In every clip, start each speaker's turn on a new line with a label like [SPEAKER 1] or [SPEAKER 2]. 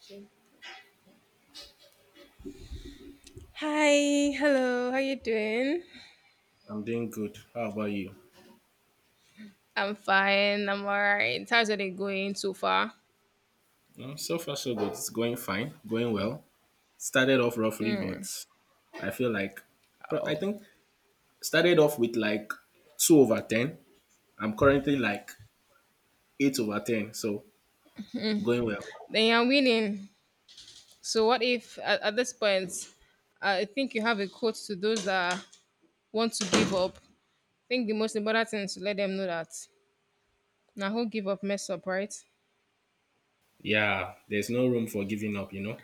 [SPEAKER 1] Shame. Hi, hello, how you doing?
[SPEAKER 2] I'm doing good. How about you?
[SPEAKER 1] I'm fine, I'm alright. How's it going so far?
[SPEAKER 2] Mm, so far, so good. It's going fine, going well. Started off roughly,
[SPEAKER 1] Hmm.
[SPEAKER 2] I feel like, but I
[SPEAKER 1] Oh,
[SPEAKER 2] think started off with like 2 over 10. I'm currently like 8 over 10, so going well.
[SPEAKER 1] then you're winning. So what if at this point, I think you have a quote to those that want to give up. I think the most important thing is to let them know that now who give up mess up, right?
[SPEAKER 2] Yeah, there's no room for giving up.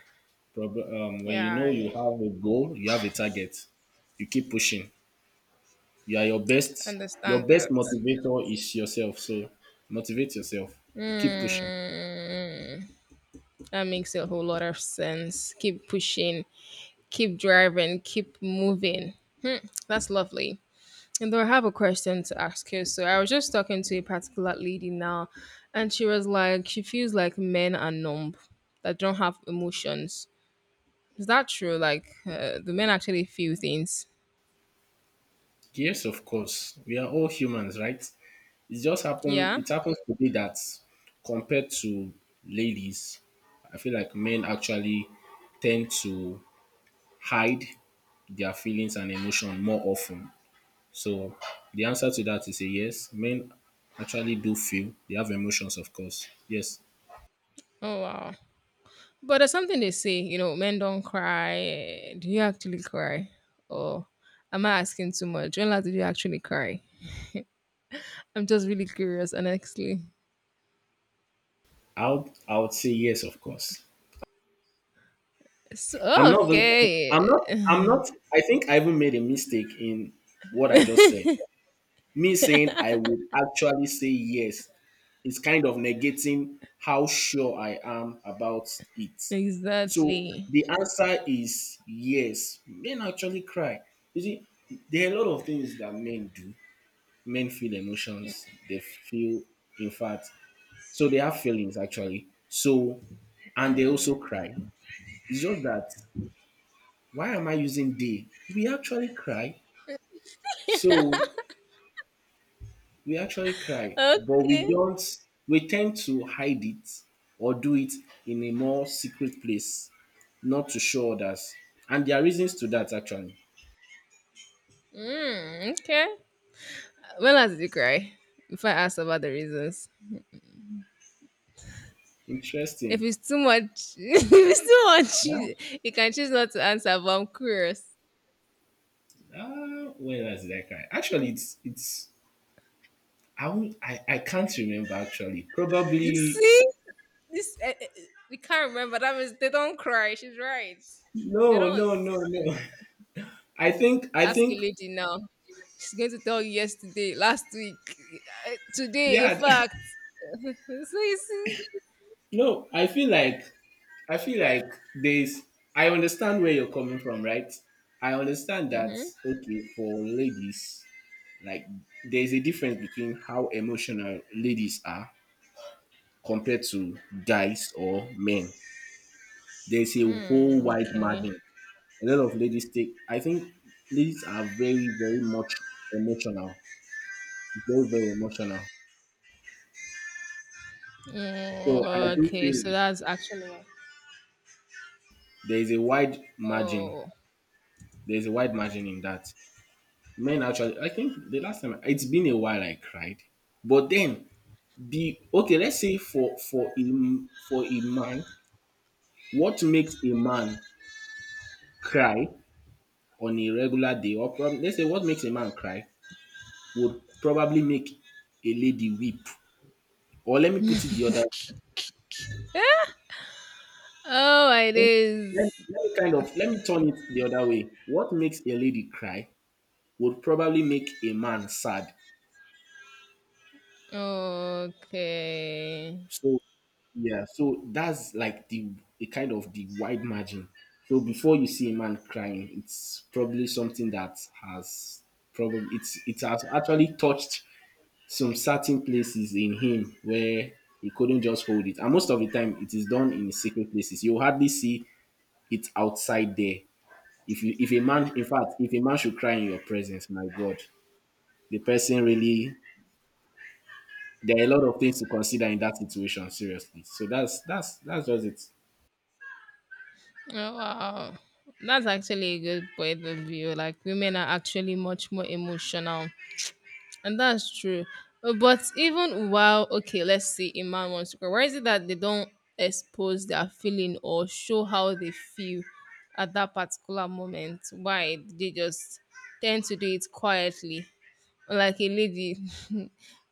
[SPEAKER 2] When you
[SPEAKER 1] Yeah,
[SPEAKER 2] know you
[SPEAKER 1] I
[SPEAKER 2] have a goal, you have a target, you keep pushing. You are your best. Your
[SPEAKER 1] understand
[SPEAKER 2] best
[SPEAKER 1] that.
[SPEAKER 2] motivator is yourself. So motivate yourself. Keep pushing.
[SPEAKER 1] That makes a whole lot of sense. Keep pushing, keep driving, keep moving. Hmm, that's lovely. And though I have a question to ask you, so I was just talking to a particular lady now, and she was like, she feels like men are numb, that don't have emotions. Is that true? Like, the men actually feel things.
[SPEAKER 2] Yes, of course. We are all humans, right? It just happened.
[SPEAKER 1] Yeah.
[SPEAKER 2] It happens to be that compared to ladies, I feel like men actually tend to hide their feelings and emotion more often. So the answer to that is a yes. Men actually do feel. They have emotions, of course. Yes,
[SPEAKER 1] Oh wow. But there's something they say, you know, men don't cry. Do you actually cry? Or am I asking too much? When last did you actually cry? I'm just really curious, honestly.
[SPEAKER 2] I would say yes, of course.
[SPEAKER 1] So,
[SPEAKER 2] I'm not. Even- I'm
[SPEAKER 1] okay.
[SPEAKER 2] not. I'm not. I think I even made a mistake in what I just said. Me saying I would actually say yes is kind of negating how sure I am about it. So
[SPEAKER 1] Exactly.
[SPEAKER 2] the answer is yes. Men actually cry. You see, there are a lot of things that men do. Men feel emotions. They feel, in fact, so they have feelings actually. So, and they also cry. It's just that why am I using they? We actually cry. So we actually cry, but we
[SPEAKER 1] Okay.
[SPEAKER 2] don't, we tend to hide it or do it in a more secret place, not to show others. And there are reasons to that actually.
[SPEAKER 1] Mm, okay. When last did you cry? Before I ask about the reasons. If
[SPEAKER 2] Interesting.
[SPEAKER 1] it's too much, if it's too much,
[SPEAKER 2] Yeah.
[SPEAKER 1] you can choose not to answer. But I'm curious.
[SPEAKER 2] When else did I cry? Actually, it's I won't, I can't remember actually.
[SPEAKER 1] You
[SPEAKER 2] Probably.
[SPEAKER 1] see, this, we can't remember. That means they don't cry. She's right.
[SPEAKER 2] No,
[SPEAKER 1] They don't
[SPEAKER 2] no, no, no. I think I
[SPEAKER 1] ask a
[SPEAKER 2] think
[SPEAKER 1] lady now. She's going to tell you yesterday, last week, today. In
[SPEAKER 2] yeah.
[SPEAKER 1] fact, so you see.
[SPEAKER 2] No, I feel like there's I understand where you're coming from, right? I understand that
[SPEAKER 1] Mm-hmm.
[SPEAKER 2] okay, for ladies, like there's a difference between how emotional ladies are compared to guys or men. There's a
[SPEAKER 1] Mm,
[SPEAKER 2] whole wide
[SPEAKER 1] okay.
[SPEAKER 2] margin. A lot of ladies take I think ladies are very, very much emotional. Very, very emotional. So I
[SPEAKER 1] Mm,
[SPEAKER 2] do
[SPEAKER 1] okay.
[SPEAKER 2] feel
[SPEAKER 1] So
[SPEAKER 2] like
[SPEAKER 1] that's actually.
[SPEAKER 2] there is a wide margin.
[SPEAKER 1] Oh.
[SPEAKER 2] There is a wide margin in that. Men actually, I think the last time it's been a while I cried, but then the okay, let's say for for a man, what makes a man cry on a regular day, or probably let's say what makes a man cry would probably make a lady weep. Or let me put it the other way.
[SPEAKER 1] Oh, it
[SPEAKER 2] Let, let,
[SPEAKER 1] is.
[SPEAKER 2] let me kind of let me turn it the other way. What makes a lady cry would probably make a man sad.
[SPEAKER 1] Okay.
[SPEAKER 2] So yeah, so that's like the a kind of the wide margin. So before you see a man crying, it's probably something that has probably it's it has actually touched some certain places in him where he couldn't just hold it. And most of the time it is done in secret places. You hardly see it outside there. If you if a man in fact, if a man should cry in your presence, my God, the person really there are a lot of things to consider in that situation, seriously. So that's just it.
[SPEAKER 1] Oh, wow. That's actually a good point of view. Like women are actually much more emotional, and that's true. But even while okay, let's see, a man wants to cry. Why is it that they don't expose their feeling or show how they feel at that particular moment? Why they just tend to do it quietly? Like a lady. You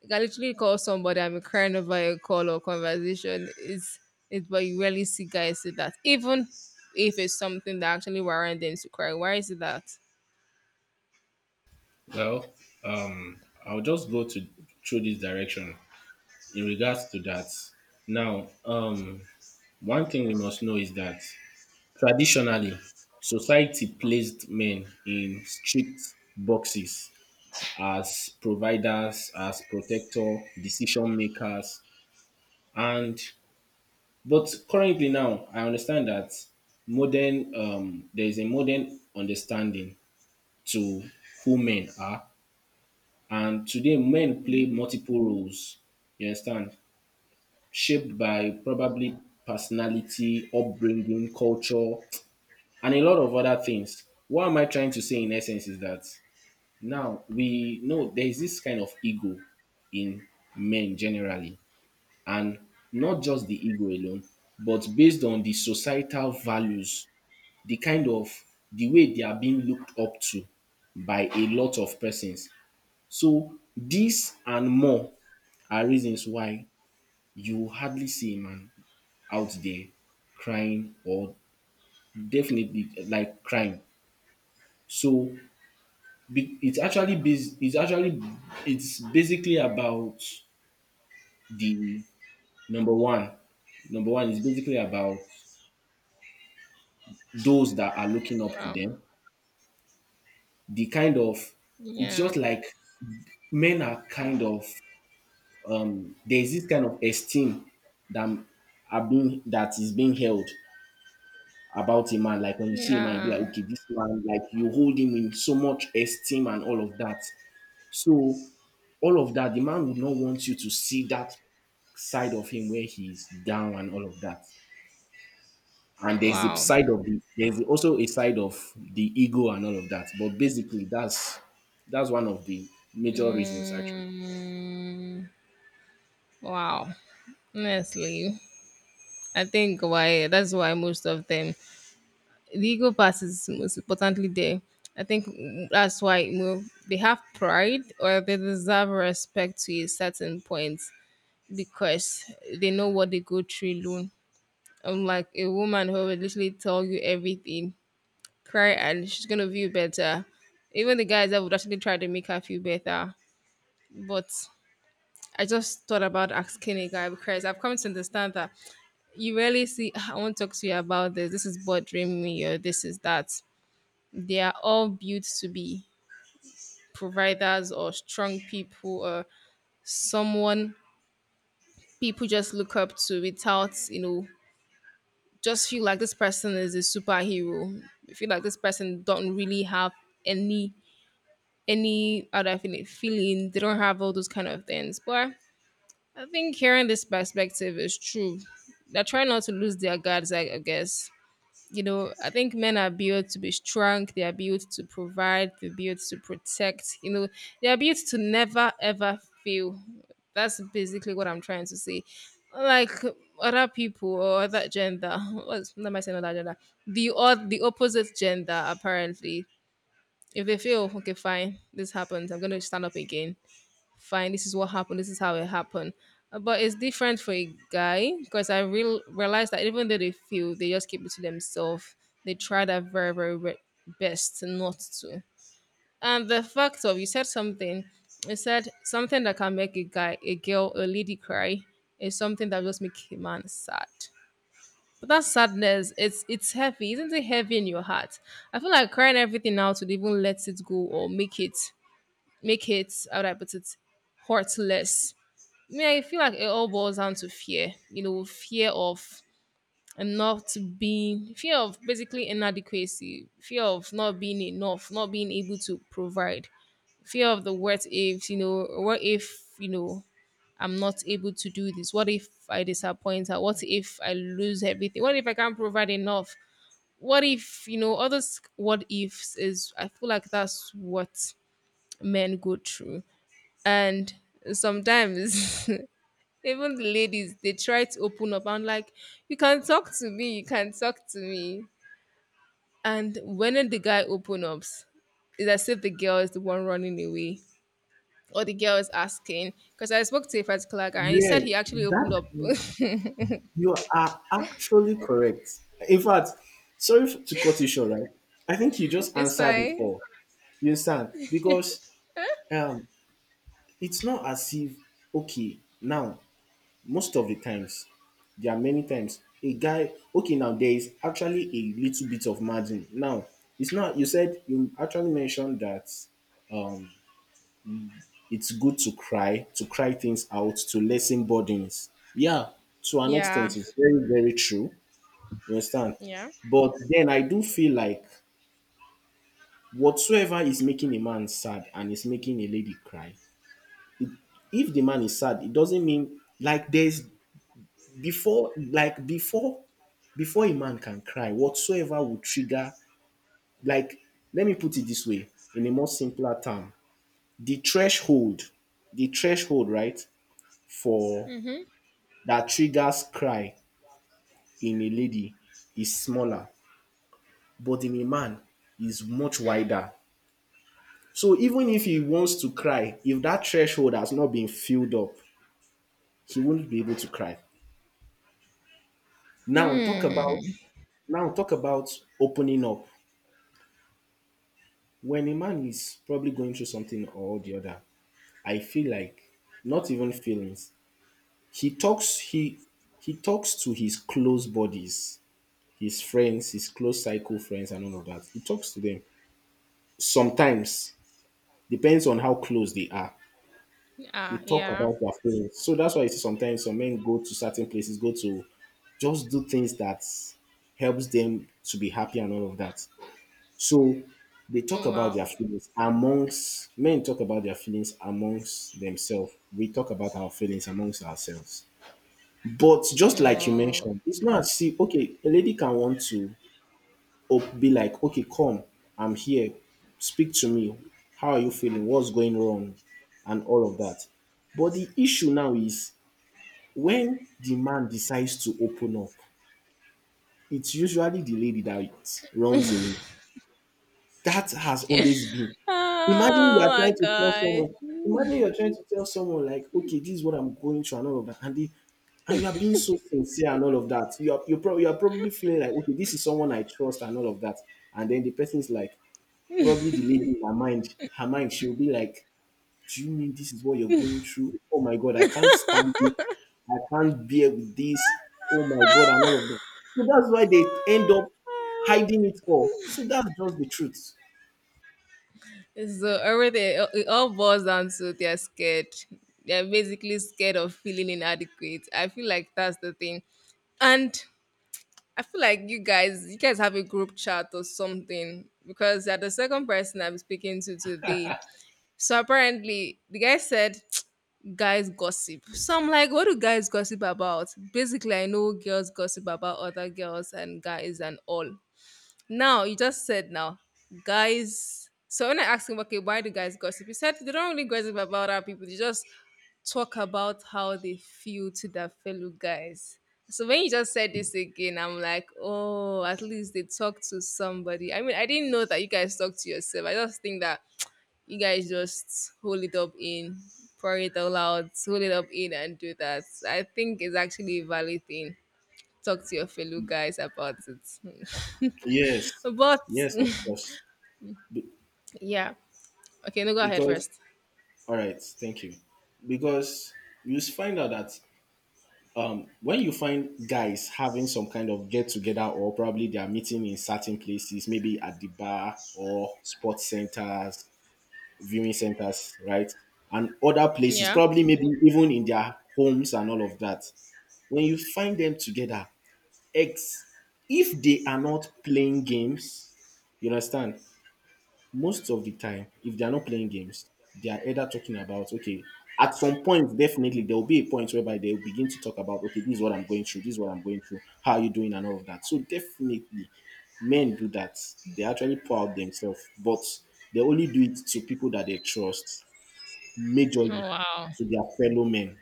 [SPEAKER 1] can literally call somebody and be crying over a call or conversation. It, but you rarely see guys do that. Even if it's something that actually warrant them to cry, why is it that?
[SPEAKER 2] Well, I'll just go to through this direction in regards to that. Now, one thing we must know is that traditionally, society placed men in strict boxes as providers, as protector, decision makers, and but currently now, I understand that modern there is a modern understanding to who men are. And today, men play
[SPEAKER 1] Hmm.
[SPEAKER 2] multiple roles, you understand, shaped by probably personality, upbringing, culture, and a lot of other things. What am I trying to say in essence is that now we know there is this kind of ego in men generally, and not just the ego alone, but based on the societal values, the kind of the way they are being looked up to by a lot of persons, so dis and more are reasons why you hardly see a man out there crying or definitely like crying. So be- it's actually bas- it's actually it's basically about the number one. Number one is basically about those that are looking up to
[SPEAKER 1] Wow.
[SPEAKER 2] them. The kind of It's
[SPEAKER 1] Yeah.
[SPEAKER 2] just like men are kind of. There's this kind of esteem that that is being held about a man. Like when you see a man, you be like,
[SPEAKER 1] Yeah.
[SPEAKER 2] okay, this man, like you hold him in so much esteem and all of that. So all of that, the man would not want you to see that side of him where he's down and all of that. And there's the
[SPEAKER 1] Wow.
[SPEAKER 2] side of the there's also a side of the ego and all of that. But basically, that's one of the major reasons actually.
[SPEAKER 1] Mm, wow. Honestly, I think why that's why most of them the ego part is most importantly there. I think that's why you know they have pride or they deserve respect to a certain point because they know what they go through alone. Unlike a woman who will literally tell you everything, cry and she's gonna feel better. Even the guys that would actually try to make her feel better. But I just thought about asking a guy because I've come to understand that you rarely see "Ah, I want to talk to you about this, this is bothering me or this is that they are all built to be providers or strong people or someone people just look up to without you know just feel like this person is a superhero. I feel like this person don't really have any any other feeling they don't have all those kind of things but I think hearing this perspective is true. They're trying not to lose their guards I guess. You know, I think men are built to be strong. They are built to provide. They're built to protect. You know, they are built to never ever fail. That's basically what I'm trying to say. Like other people or other gender, what's what am I saying? Other gender, the odd, the opposite gender apparently. If they feel okay, fine, this happens. I'm gonna stand up again. Fine, this is what happened, this is how it happened. But it's different for a guy because I realized that even though they feel they just keep it to themselves. They try their very best not to. And the fact of you said something that can make a guy a girl a lady cry is something that just make a man sad. But that sadness it's heavy, isn't it heavy in your heart? I feel like crying everything out would even let it go or make it how do I put it, heartless. Yeah, I feel like it all boils down to fear. You know, fear of not being, fear of basically inadequacy, fear of not being enough, not being able to provide, fear of the what ifs. You know, what if you know I'm not able to do this? What if I disappoint her? What if I lose everything? What if I can't provide enough? What if you know all those what ifs is? I feel like that's what men go through, and sometimes even the ladies, they try to open up. I'm like, you can talk to me, you can talk to me. And when the guy opens, up, it's as if the girl is the one running away. Or the girl is asking. Because I spoke to a particular guy and he said
[SPEAKER 2] Yeah,
[SPEAKER 1] he actually
[SPEAKER 2] that
[SPEAKER 1] opened up.
[SPEAKER 2] you are actually correct. In fact, sorry to cut you short, right? I think you just
[SPEAKER 1] It's
[SPEAKER 2] answered it
[SPEAKER 1] fine.
[SPEAKER 2] all. You understand? Because um, it's not as if, okay, now, most of the times, there are many times, a guy, okay, now there is actually a little bit of margin. Now, it's not, you said, you actually mentioned that um, it's good to cry things out, to lessen burdens. Yeah, to an
[SPEAKER 1] Yeah.
[SPEAKER 2] extent, it's very, very true. You understand?
[SPEAKER 1] Yeah.
[SPEAKER 2] But then I do feel like whatsoever is making a man sad and is making a lady cry, it, if the man is sad, it doesn't mean like there's before like before before a man can cry, whatsoever will trigger like let me put it this way, in a more simpler term, the threshold, the threshold, right, for that triggers cry in a lady is smaller, but in a man is much wider. So even if he wants to cry, if that threshold has not been filled up, he won't be able to cry. Now talk
[SPEAKER 1] Hmm.
[SPEAKER 2] about now talk about opening up. When a man is probably going through something or the other, I feel like not even feelings. He talks he he talks to his close buddies, his friends, his close cycle friends and all of that. He talks to them. Sometimes depends on how close they are. They
[SPEAKER 1] Ah,
[SPEAKER 2] talk
[SPEAKER 1] yeah.
[SPEAKER 2] about their feelings. So that's why you see sometimes some men go to certain places, go to just do things that helps them to be happy and all of that. So they talk about
[SPEAKER 1] Wow.
[SPEAKER 2] their feelings amongst themselves. We talk about our feelings amongst ourselves. But just like you
[SPEAKER 1] Oh.
[SPEAKER 2] mentioned, it's not as if okay, a lady can want to be like, okay, come, I'm here, speak to me. How are you feeling? What's going wrong? And all of that. But the issue now is when the man decides to open up, it's usually the lady that runs away. That has always been. Imagine you
[SPEAKER 1] Oh
[SPEAKER 2] are
[SPEAKER 1] my
[SPEAKER 2] trying to tell
[SPEAKER 1] god.
[SPEAKER 2] someone, Imagine you're trying to tell someone, like, okay, this is what I'm going through and all of that. And you are being so sincere and all of that. You are probably feeling like, okay, this is someone I trust and all of that. And then the person is like, probably the lady in her mind, she'll be like, do you mean this is what you're going through? Oh my God, I can't stand it. I can't bear with this. Oh my God, and all of that. So that's why they end up hiding it all. So that's just the truth.
[SPEAKER 1] So everything it all boils down to they're scared. They're basically scared of feeling inadequate. I feel like that's the thing. And I feel like you guys have a group chat or something because you're the second person I'm speaking to today. So apparently, the guy said guys gossip. So I'm like, what do guys gossip about? Basically, I know girls gossip about other girls and guys and all. Now you just said now, guys. So when I asked him, okay, why do guys gossip? He said they don't really gossip about other people. They just talk about how they feel to their fellow guys. So when you just said this again, I'm like, oh, at least they talk to somebody. I mean, I didn't know that you guys talk to yourself. I just think that you guys just hold it up in, pour it all out, hold it up in, and do that. I think it's actually a valid thing, talk to your fellow guys about it.
[SPEAKER 2] Yes.
[SPEAKER 1] But
[SPEAKER 2] Yes, of course. Be-
[SPEAKER 1] yeah, okay, no, go ahead
[SPEAKER 2] because,
[SPEAKER 1] first.
[SPEAKER 2] all right, thank you. Because you find out that when you find guys having some kind of get together or probably they are meeting in certain places, maybe at the bar or sports centers, viewing centers, right? And other places,
[SPEAKER 1] Yeah.
[SPEAKER 2] probably maybe even in their homes and all of that. When you find them together, ex if they are not playing games, you understand? Most of the time, if they are not playing games, they are either talking about, okay, at some point, definitely there will be a point whereby they will begin to talk about, okay, this is what I'm going through, this is what I'm going through, how are you doing, and all of that. So definitely, men do that. They actually pour out themselves, but they only do it to people that they trust
[SPEAKER 1] Oh,
[SPEAKER 2] majorly
[SPEAKER 1] wow.
[SPEAKER 2] to their fellow men.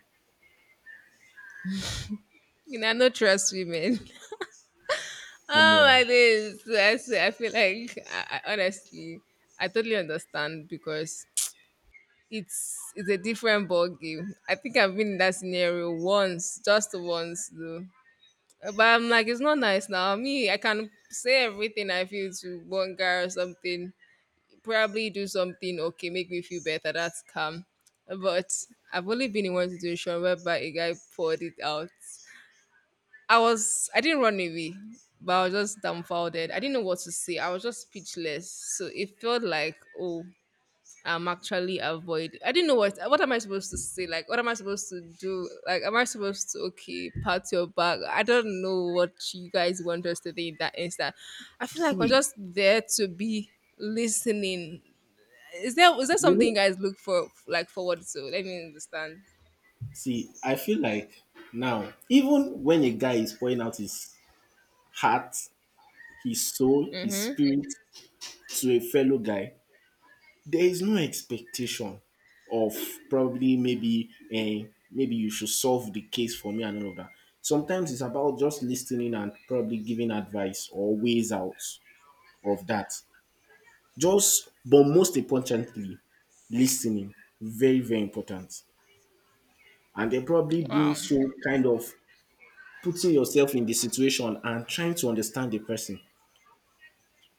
[SPEAKER 1] You know, I no trust women.
[SPEAKER 2] Come
[SPEAKER 1] Oh my
[SPEAKER 2] on.
[SPEAKER 1] days! I swear, I feel like I honestly, I totally understand because it's a different ball game. I think I've been in that scenario once, just once though. But I'm like, it's not nice now. Me, I can say everything I feel to one guy or something, probably do something okay, make me feel better. That's calm. But I've only been in one situation whereby a guy poured it out. I didn't run away, but I was just dumbfounded. I didn't know what to say. I was just speechless. So it felt like oh, I'm actually avoid. I didn't know what am I supposed to say? Like what am I supposed to do? Like am I supposed to okay pat your back? I don't know what you guys want us to think in that instant. I feel like we're
[SPEAKER 2] See,
[SPEAKER 1] just there to be listening. Is there
[SPEAKER 2] you
[SPEAKER 1] something you
[SPEAKER 2] know,
[SPEAKER 1] guys look for like forward to? Let me understand.
[SPEAKER 2] see, I feel like now, even when a guy is pouring out his heart, his soul, his
[SPEAKER 1] Mm-hmm.
[SPEAKER 2] spirit to a fellow guy, there is no expectation of probably maybe you should solve the case for me and all of that. Sometimes it's about just listening and probably giving advice or ways out of that. Just but most importantly, listening, very, very important. And then probably being
[SPEAKER 1] Wow.
[SPEAKER 2] so kind of putting yourself in the situation and trying to understand the person.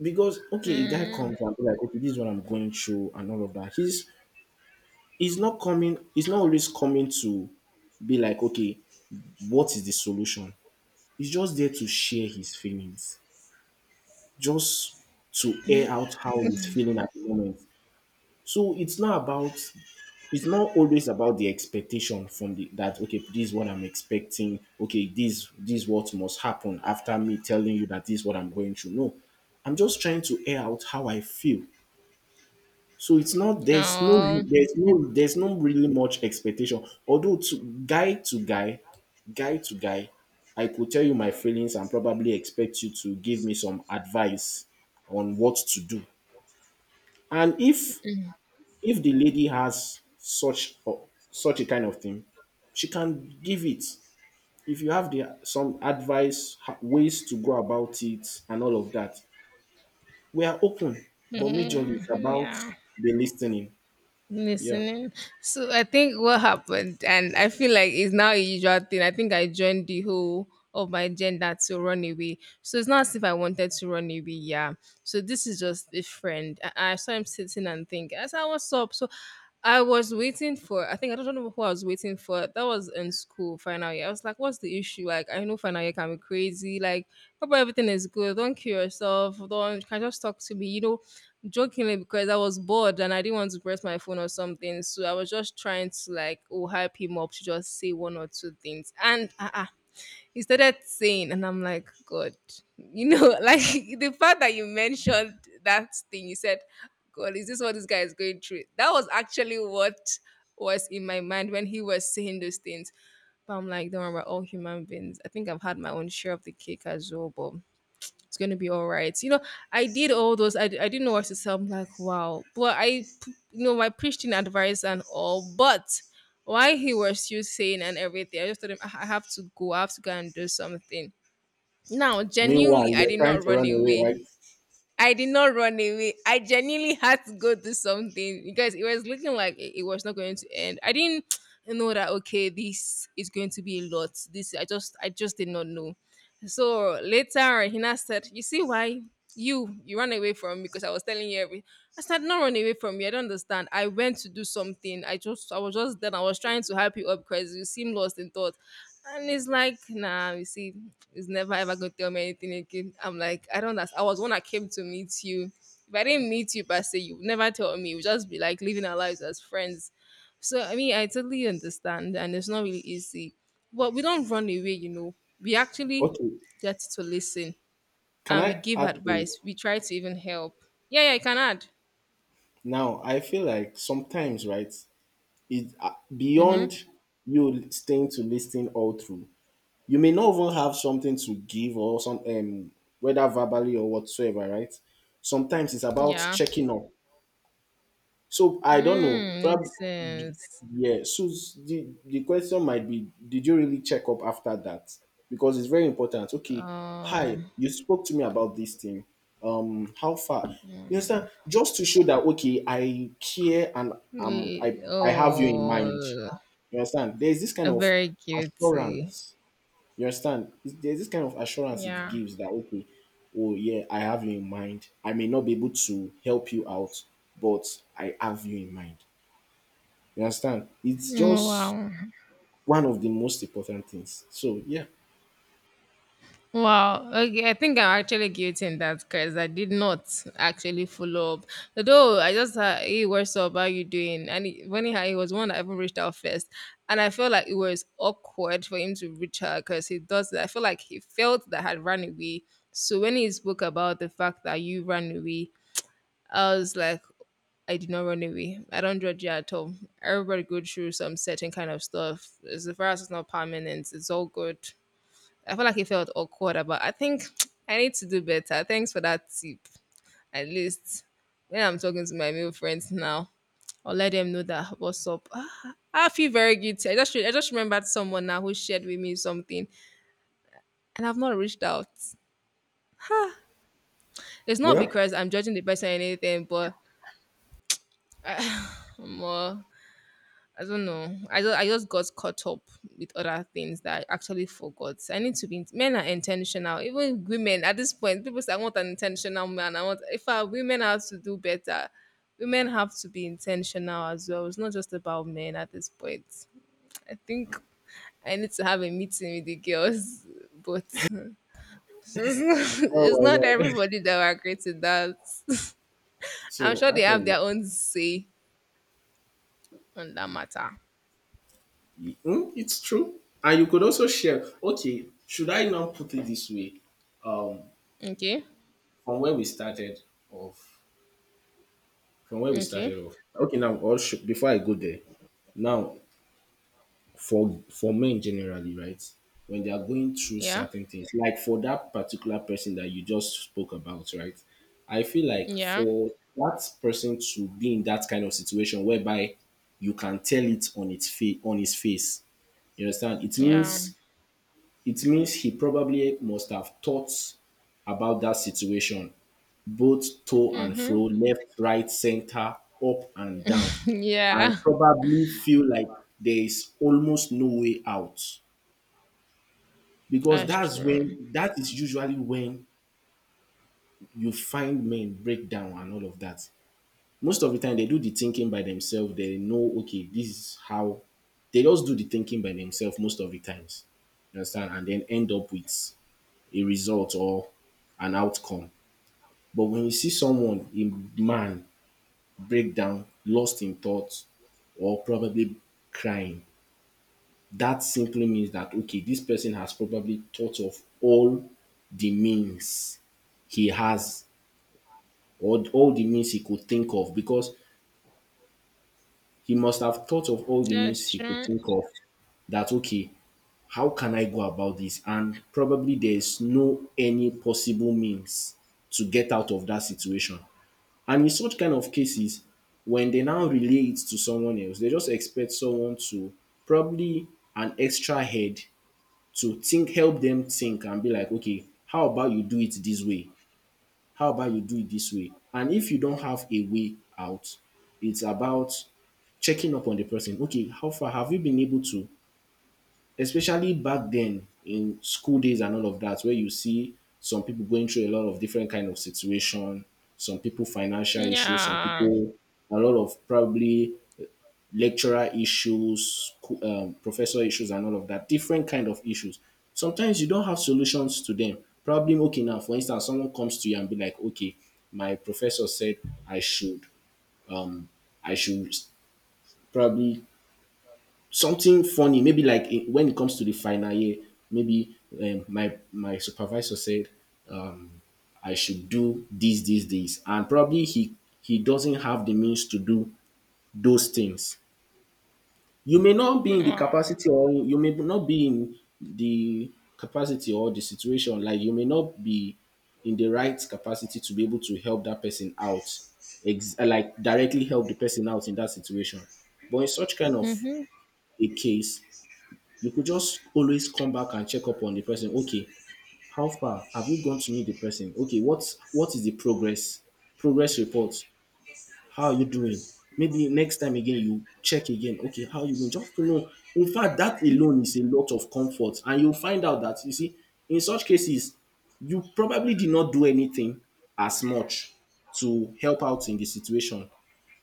[SPEAKER 2] Because okay, a guy
[SPEAKER 1] Mm,
[SPEAKER 2] comes and be like, okay, this is what I'm going through and all of that. He's not coming, he's not always coming to be like, okay, what is the solution? He's just there to share his feelings, just to air out how he's feeling at the moment. So it's not about it's not always about the expectation from the that okay this is what I'm expecting okay this what must happen after me telling you that this is what I'm going through no I'm just trying to air out how I feel so it's not there's no
[SPEAKER 1] oh.
[SPEAKER 2] there's no really much expectation although to guy to guy to guy I could tell you my feelings and probably expect you to give me some advice on what to do and if the lady has such or such a kind of thing, she can give it. If you have the some advice, ways to go about it, and all of that, we are open. But majorly,
[SPEAKER 1] Mm,
[SPEAKER 2] it's about
[SPEAKER 1] yeah.
[SPEAKER 2] the listening. Yeah.
[SPEAKER 1] Listening. So I think what happened, and I feel like it's now a usual thing. I think I joined the whole of my gender to run away. So it's not as if I wanted to run away. Yeah. So this is just a friend. I saw him sitting and think, I said, "What's up?" So I was waiting for, I think, I don't know who I was waiting for. That was in school, final year. I was like, what's the issue? Like, I know final year can be crazy. Like, hope everything is good. Don't kill yourself. Don't, you can just talk to me, you know, jokingly because I was bored and I didn't want to press my phone or something. So I was just trying to, like, oh, hype him up to just say one or two things. And, he started saying, and I'm like, God, you know, like the fact that you mentioned that thing, you said, God, is this what this guy is going through? That was actually what was in my mind when he was saying those things. But I'm like, don't worry, we're all human beings. I think I've had my own share of the cake as well, but it's going to be all right. You know, I did all those. I didn't know what to say. I'm like, wow. But you know, my Christian advice and all. But why he was still saying and everything, I just told him, I have to go. I have to go and do something. Now, genuinely,
[SPEAKER 2] Meanwhile,
[SPEAKER 1] I
[SPEAKER 2] you're
[SPEAKER 1] did
[SPEAKER 2] trying
[SPEAKER 1] not
[SPEAKER 2] to
[SPEAKER 1] run
[SPEAKER 2] run away, right?
[SPEAKER 1] away. I did not run away. I genuinely had to go do something because it was looking like it was not going to end. I didn't know that, okay, this is going to be a lot. This I just did not know. So later Hina said, "You see why you ran away from me? Because I was telling you everything." I said, "Not run away from you. I don't understand. I went to do something. I just I was just then I was trying to help you up because you seemed lost in thought." And it's like, "Nah, you see, it's never ever gonna tell me anything again." I'm like, "I don't understand. I was one that came to meet you. If I didn't meet you per se, you would never tell me. We just be like living our lives as friends." So I mean, I totally understand, and it's not really easy. But we don't run away, We actually
[SPEAKER 2] Okay.
[SPEAKER 1] get to listen,
[SPEAKER 2] Can
[SPEAKER 1] and we
[SPEAKER 2] I
[SPEAKER 1] give
[SPEAKER 2] add to it?
[SPEAKER 1] advice. We try to even help. Yeah, yeah, I can add.
[SPEAKER 2] Now, I feel like sometimes, right, it
[SPEAKER 1] Mm-hmm.
[SPEAKER 2] beyond you staying to listen all through. You may not even have something to give or some whether verbally or whatsoever, right? Sometimes it's about
[SPEAKER 1] Yeah.
[SPEAKER 2] checking up. So I don't know.
[SPEAKER 1] Mm, makes
[SPEAKER 2] Probably
[SPEAKER 1] sense.
[SPEAKER 2] yeah. So the question might be, did you really check up after that? Because it's very important. Okay, hi,
[SPEAKER 1] Um.
[SPEAKER 2] you spoke to me about this thing. How far? You understand? Just to show that okay, I care and um I I have you in mind.
[SPEAKER 1] Oh.
[SPEAKER 2] You understand? There's this
[SPEAKER 1] A
[SPEAKER 2] kind of
[SPEAKER 1] very guilty.
[SPEAKER 2] assurance you understand? It's- There's this kind of assurance it
[SPEAKER 1] Yeah.
[SPEAKER 2] gives that, okay, oh yeah, I have you in mind. I may not be able to help you out, but I have you in mind. You understand? It's
[SPEAKER 1] Mm,
[SPEAKER 2] just
[SPEAKER 1] wow.
[SPEAKER 2] one of the most important things. So yeah.
[SPEAKER 1] Wow. Okay, I think I'm actually guilty in that, because I did not actually follow up. Although I just had, "Hey, what's up? How you doing?" And he, when he, had- he was one that even reached out first. And I felt like it was awkward for him to reach her, because he does that. I feel like he felt that I had run away. So when he spoke about the fact that "you ran away," I was like, I did not run away. I don't judge you at all. Everybody goes through some certain kind of stuff. As far as it's not permanent, it's all good. I feel like it felt awkward, but I think I need to do better. Thanks for that tip. At least when I'm talking to my male friends now, I'll let them know that what's up. Ah, I feel very guilty. I just remembered someone now who shared with me something, and I've not reached out. It's not
[SPEAKER 2] Well,
[SPEAKER 1] because I'm judging the person or anything, but more I don't know. I don't, I just got caught up with other things that I actually forgot. I need to be in- Men are intentional. Even women at this point, people say, "I want an intentional man." I want if I, Women have to do better. Women have to be intentional as well. It's not just about men at this point. I think I need to have a meeting with the girls, but it's not
[SPEAKER 2] oh my God.
[SPEAKER 1] everybody that will agree to that. I'm
[SPEAKER 2] So
[SPEAKER 1] sure they have
[SPEAKER 2] actually,
[SPEAKER 1] their own say on that matter.
[SPEAKER 2] mm, it's true. And you could also share, okay, should I now put it this way? Um,
[SPEAKER 1] Okay.
[SPEAKER 2] from where we started off, from where we
[SPEAKER 1] Okay.
[SPEAKER 2] started off. Okay, now, or should, before I go there, now for men generally, right? When they are going through
[SPEAKER 1] Yeah.
[SPEAKER 2] certain things, like for that particular person that you just spoke about, right? I feel like
[SPEAKER 1] Yeah,
[SPEAKER 2] for that person to be in that kind of situation whereby you can tell it on its face on his face. You understand? It
[SPEAKER 1] yeah,
[SPEAKER 2] means he probably must have thought about that situation, both to and
[SPEAKER 1] hmm.
[SPEAKER 2] fro, left, right, center, up and down, and
[SPEAKER 1] Yeah.
[SPEAKER 2] probably feel like there is almost no way out because
[SPEAKER 1] That's true.
[SPEAKER 2] that is usually when you find men break down and all of that most of the time they do the thinking by themselves they know okay this is how they just do the thinking by themselves most of the times you understand and then end up with a result or an outcome but when you see someone a man break down lost in thought or probably crying that simply means that okay this person has probably thought of all the means he has or all the means he could think of because he must have thought of all the
[SPEAKER 1] That's
[SPEAKER 2] means he could
[SPEAKER 1] true.
[SPEAKER 2] think of that okay how can I go about this and probably there's no any possible means to get out of that situation and in such kind of cases when they now relay it to someone else they just expect someone to probably an extra head to think help them think and be like okay how about you do it this way. How about you do it this way? And if you don't have a way out, it's about checking up on the person. Okay, how far have you been able to? Especially back then in school days and all of that, where you see some people going through a lot of different kind of situation, some people financial issues, some
[SPEAKER 1] Yeah.
[SPEAKER 2] people a lot of probably lecturer issues, professor issues, and all of that. Different kind of issues. Sometimes you don't have solutions to them. Probably okay now. For instance, someone comes to you and be like, "Okay, my professor said I should, I should probably something funny. Maybe like in, when it comes to the final year, maybe my supervisor said um, I should do this, this, this, and probably he doesn't have the means to do those things. You may not be in the
[SPEAKER 1] Wow.
[SPEAKER 2] capacity or you may not be in the capacity or the situation, like you may not be in the right capacity to be able to help that person out, like directly help the person out in that situation. But in such kind of
[SPEAKER 1] Hmm.
[SPEAKER 2] a case, you could just always come back and check up on the person. Okay, how far have you gone to meet the person? Okay, what is the progress? Progress report. How are you doing? Maybe next time again you check again. Okay, how are you doing? Just to know. In fact, that alone is a lot of comfort. And you'll find out that you see, in such cases, you probably did not do anything as much to help out in the situation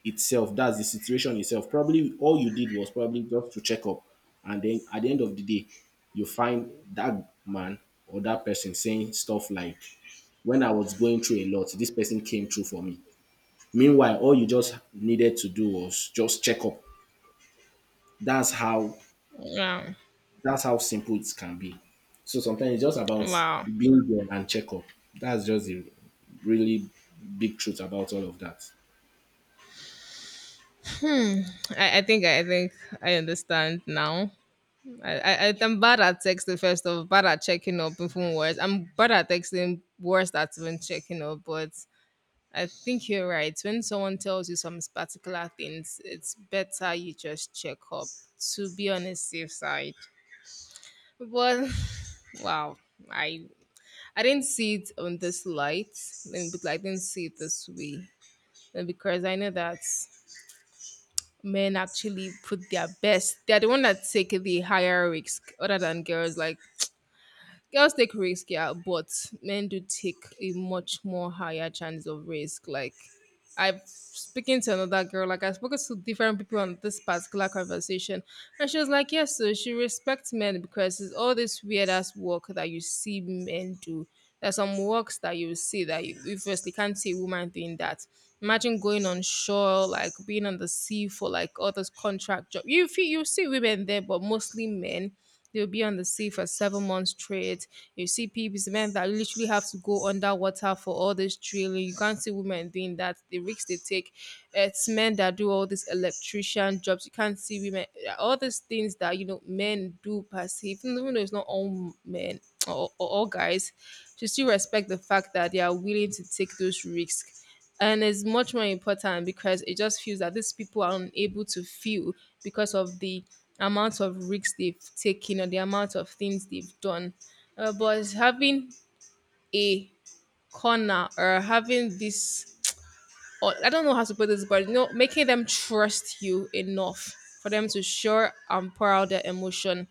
[SPEAKER 2] itself. That's the situation itself. Probably all you did was probably just to check up. And then at the end of the day, you find that man or that person saying stuff like, when I was going through a lot, this person came through for me. Meanwhile, all you just needed to do was just check up. That's how
[SPEAKER 1] Yeah.
[SPEAKER 2] that's how simple it can be. So sometimes it's just about
[SPEAKER 1] Wow.
[SPEAKER 2] being there and check up. That's just the really big truth about all of that.
[SPEAKER 1] I think I understand now. I'm bad at texting, first of, bad at checking up even words. I'm bad at texting, worse at even checking up, but I think you're right. When someone tells you some particular things, it's better you just check up to be on a safe side. But wow, I I didn't see it on this light, but I didn't see it this way. And because I know that men actually put their best, they're the one that take the higher risk other than girls. Like girls take risk, yeah, but men do take a much more higher chance of risk. Like I've speaking to another girl, like I spoke to different people on this particular conversation, and she was like, "Yes." So she respects men because it's all this weird ass work that you see men do. There's some works that you see that you firstly can't see a woman doing that. Imagine going on shore, like being on the sea for like all those contract job. You feel you see women there, but mostly men. They'll be on the sea for 7 months straight. You see people, men that literally have to go underwater for all this drilling. You can't see women doing that. The risks they take. It's men that do all these electrician jobs. You can't see women. All these things that you know men do perceive, even though it's not all men or all guys, to still respect the fact that they are willing to take those risks. And it's much more important because it just feels that these people are unable to feel because of the amount of risks they've taken or the amount of things they've done. But having a corner or having this, or I don't know how to put this, but you know, making them trust you enough for them to share and pour out their emotion,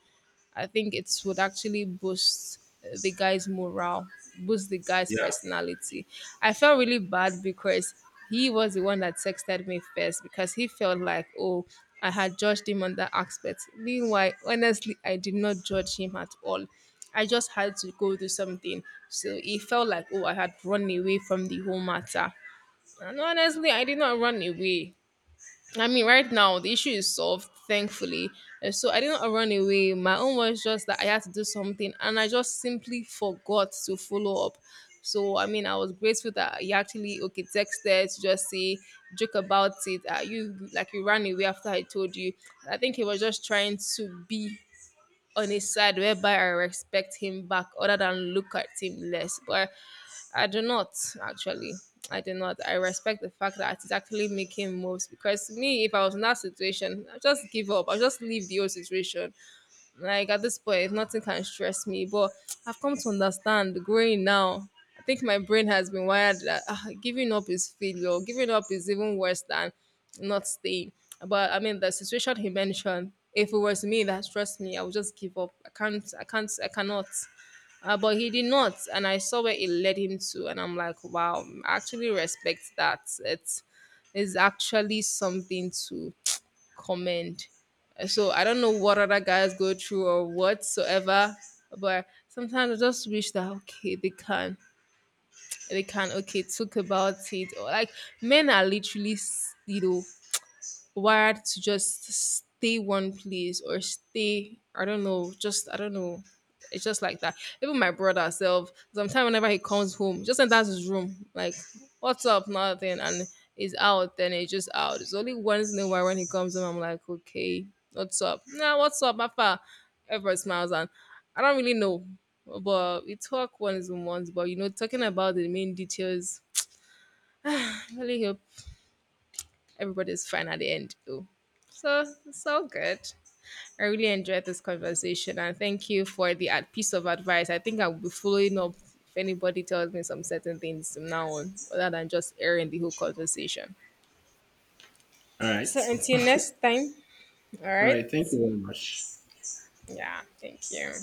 [SPEAKER 1] I think it would actually boost the guy's morale, boost the guy's
[SPEAKER 2] Yeah.
[SPEAKER 1] personality. I felt really bad because he was the one that texted me first, because he felt like, oh, I had judged him on that aspect. Meanwhile, honestly, I did not judge him at all. I just had to go do something. So he felt like, oh, I had run away from the whole matter. And honestly, I did not run away. I mean, right now the issue is solved, thankfully. And so I did not run away. My own was just that I had to do something, and I just simply forgot to follow up. So I mean, I was grateful that he actually okay texted to just say, joke about it. You like, "You ran away after I told you." I think he was just trying to be on his side whereby I respect him back other than look at him less. But I do not actually. I do not. I respect the fact that it's actually making moves, because me, if I was in that situation, I'd just give up. I'll just leave the whole situation. Like at this point, nothing can stress me. But I've come to understand growing now. I think my brain has been wired that, ah, giving up is failure. Giving up is even worse than not staying. But I mean, the situation he mentioned, if it was me that stressed me, I would just give up. I can't. I can't. I cannot. But he did not, and I saw where it led him to, and I'm like, wow, I actually respect that. It's is actually something to comment. So I don't know what other guys go through or whatsoever, but sometimes I just wish that okay they can okay talk about it. Or like, men are literally you know, wired to just stay one place or stay, I don't know, just I don't know. It's just like that. Even my brother self, sometimes whenever he comes home, just enters his room. Like, what's up? Nothing. And he's out. Then he's just out. It's only once in a while when he comes home I'm like, okay, what's up, nah? What's up, Papa? Father, everybody smiles. And I don't really know, but we talk once in once. But you know, talking about the main details, I really hope everybody's fine at the end though. So it's all good. I really enjoyed this conversation, and thank you for the piece of advice. I think I will be following up if anybody tells me some certain things from now on, other than just airing the whole conversation.
[SPEAKER 2] All right.
[SPEAKER 1] So until next time, all
[SPEAKER 2] All
[SPEAKER 1] right?
[SPEAKER 2] right. Thank you very much.
[SPEAKER 1] Yeah, thank you.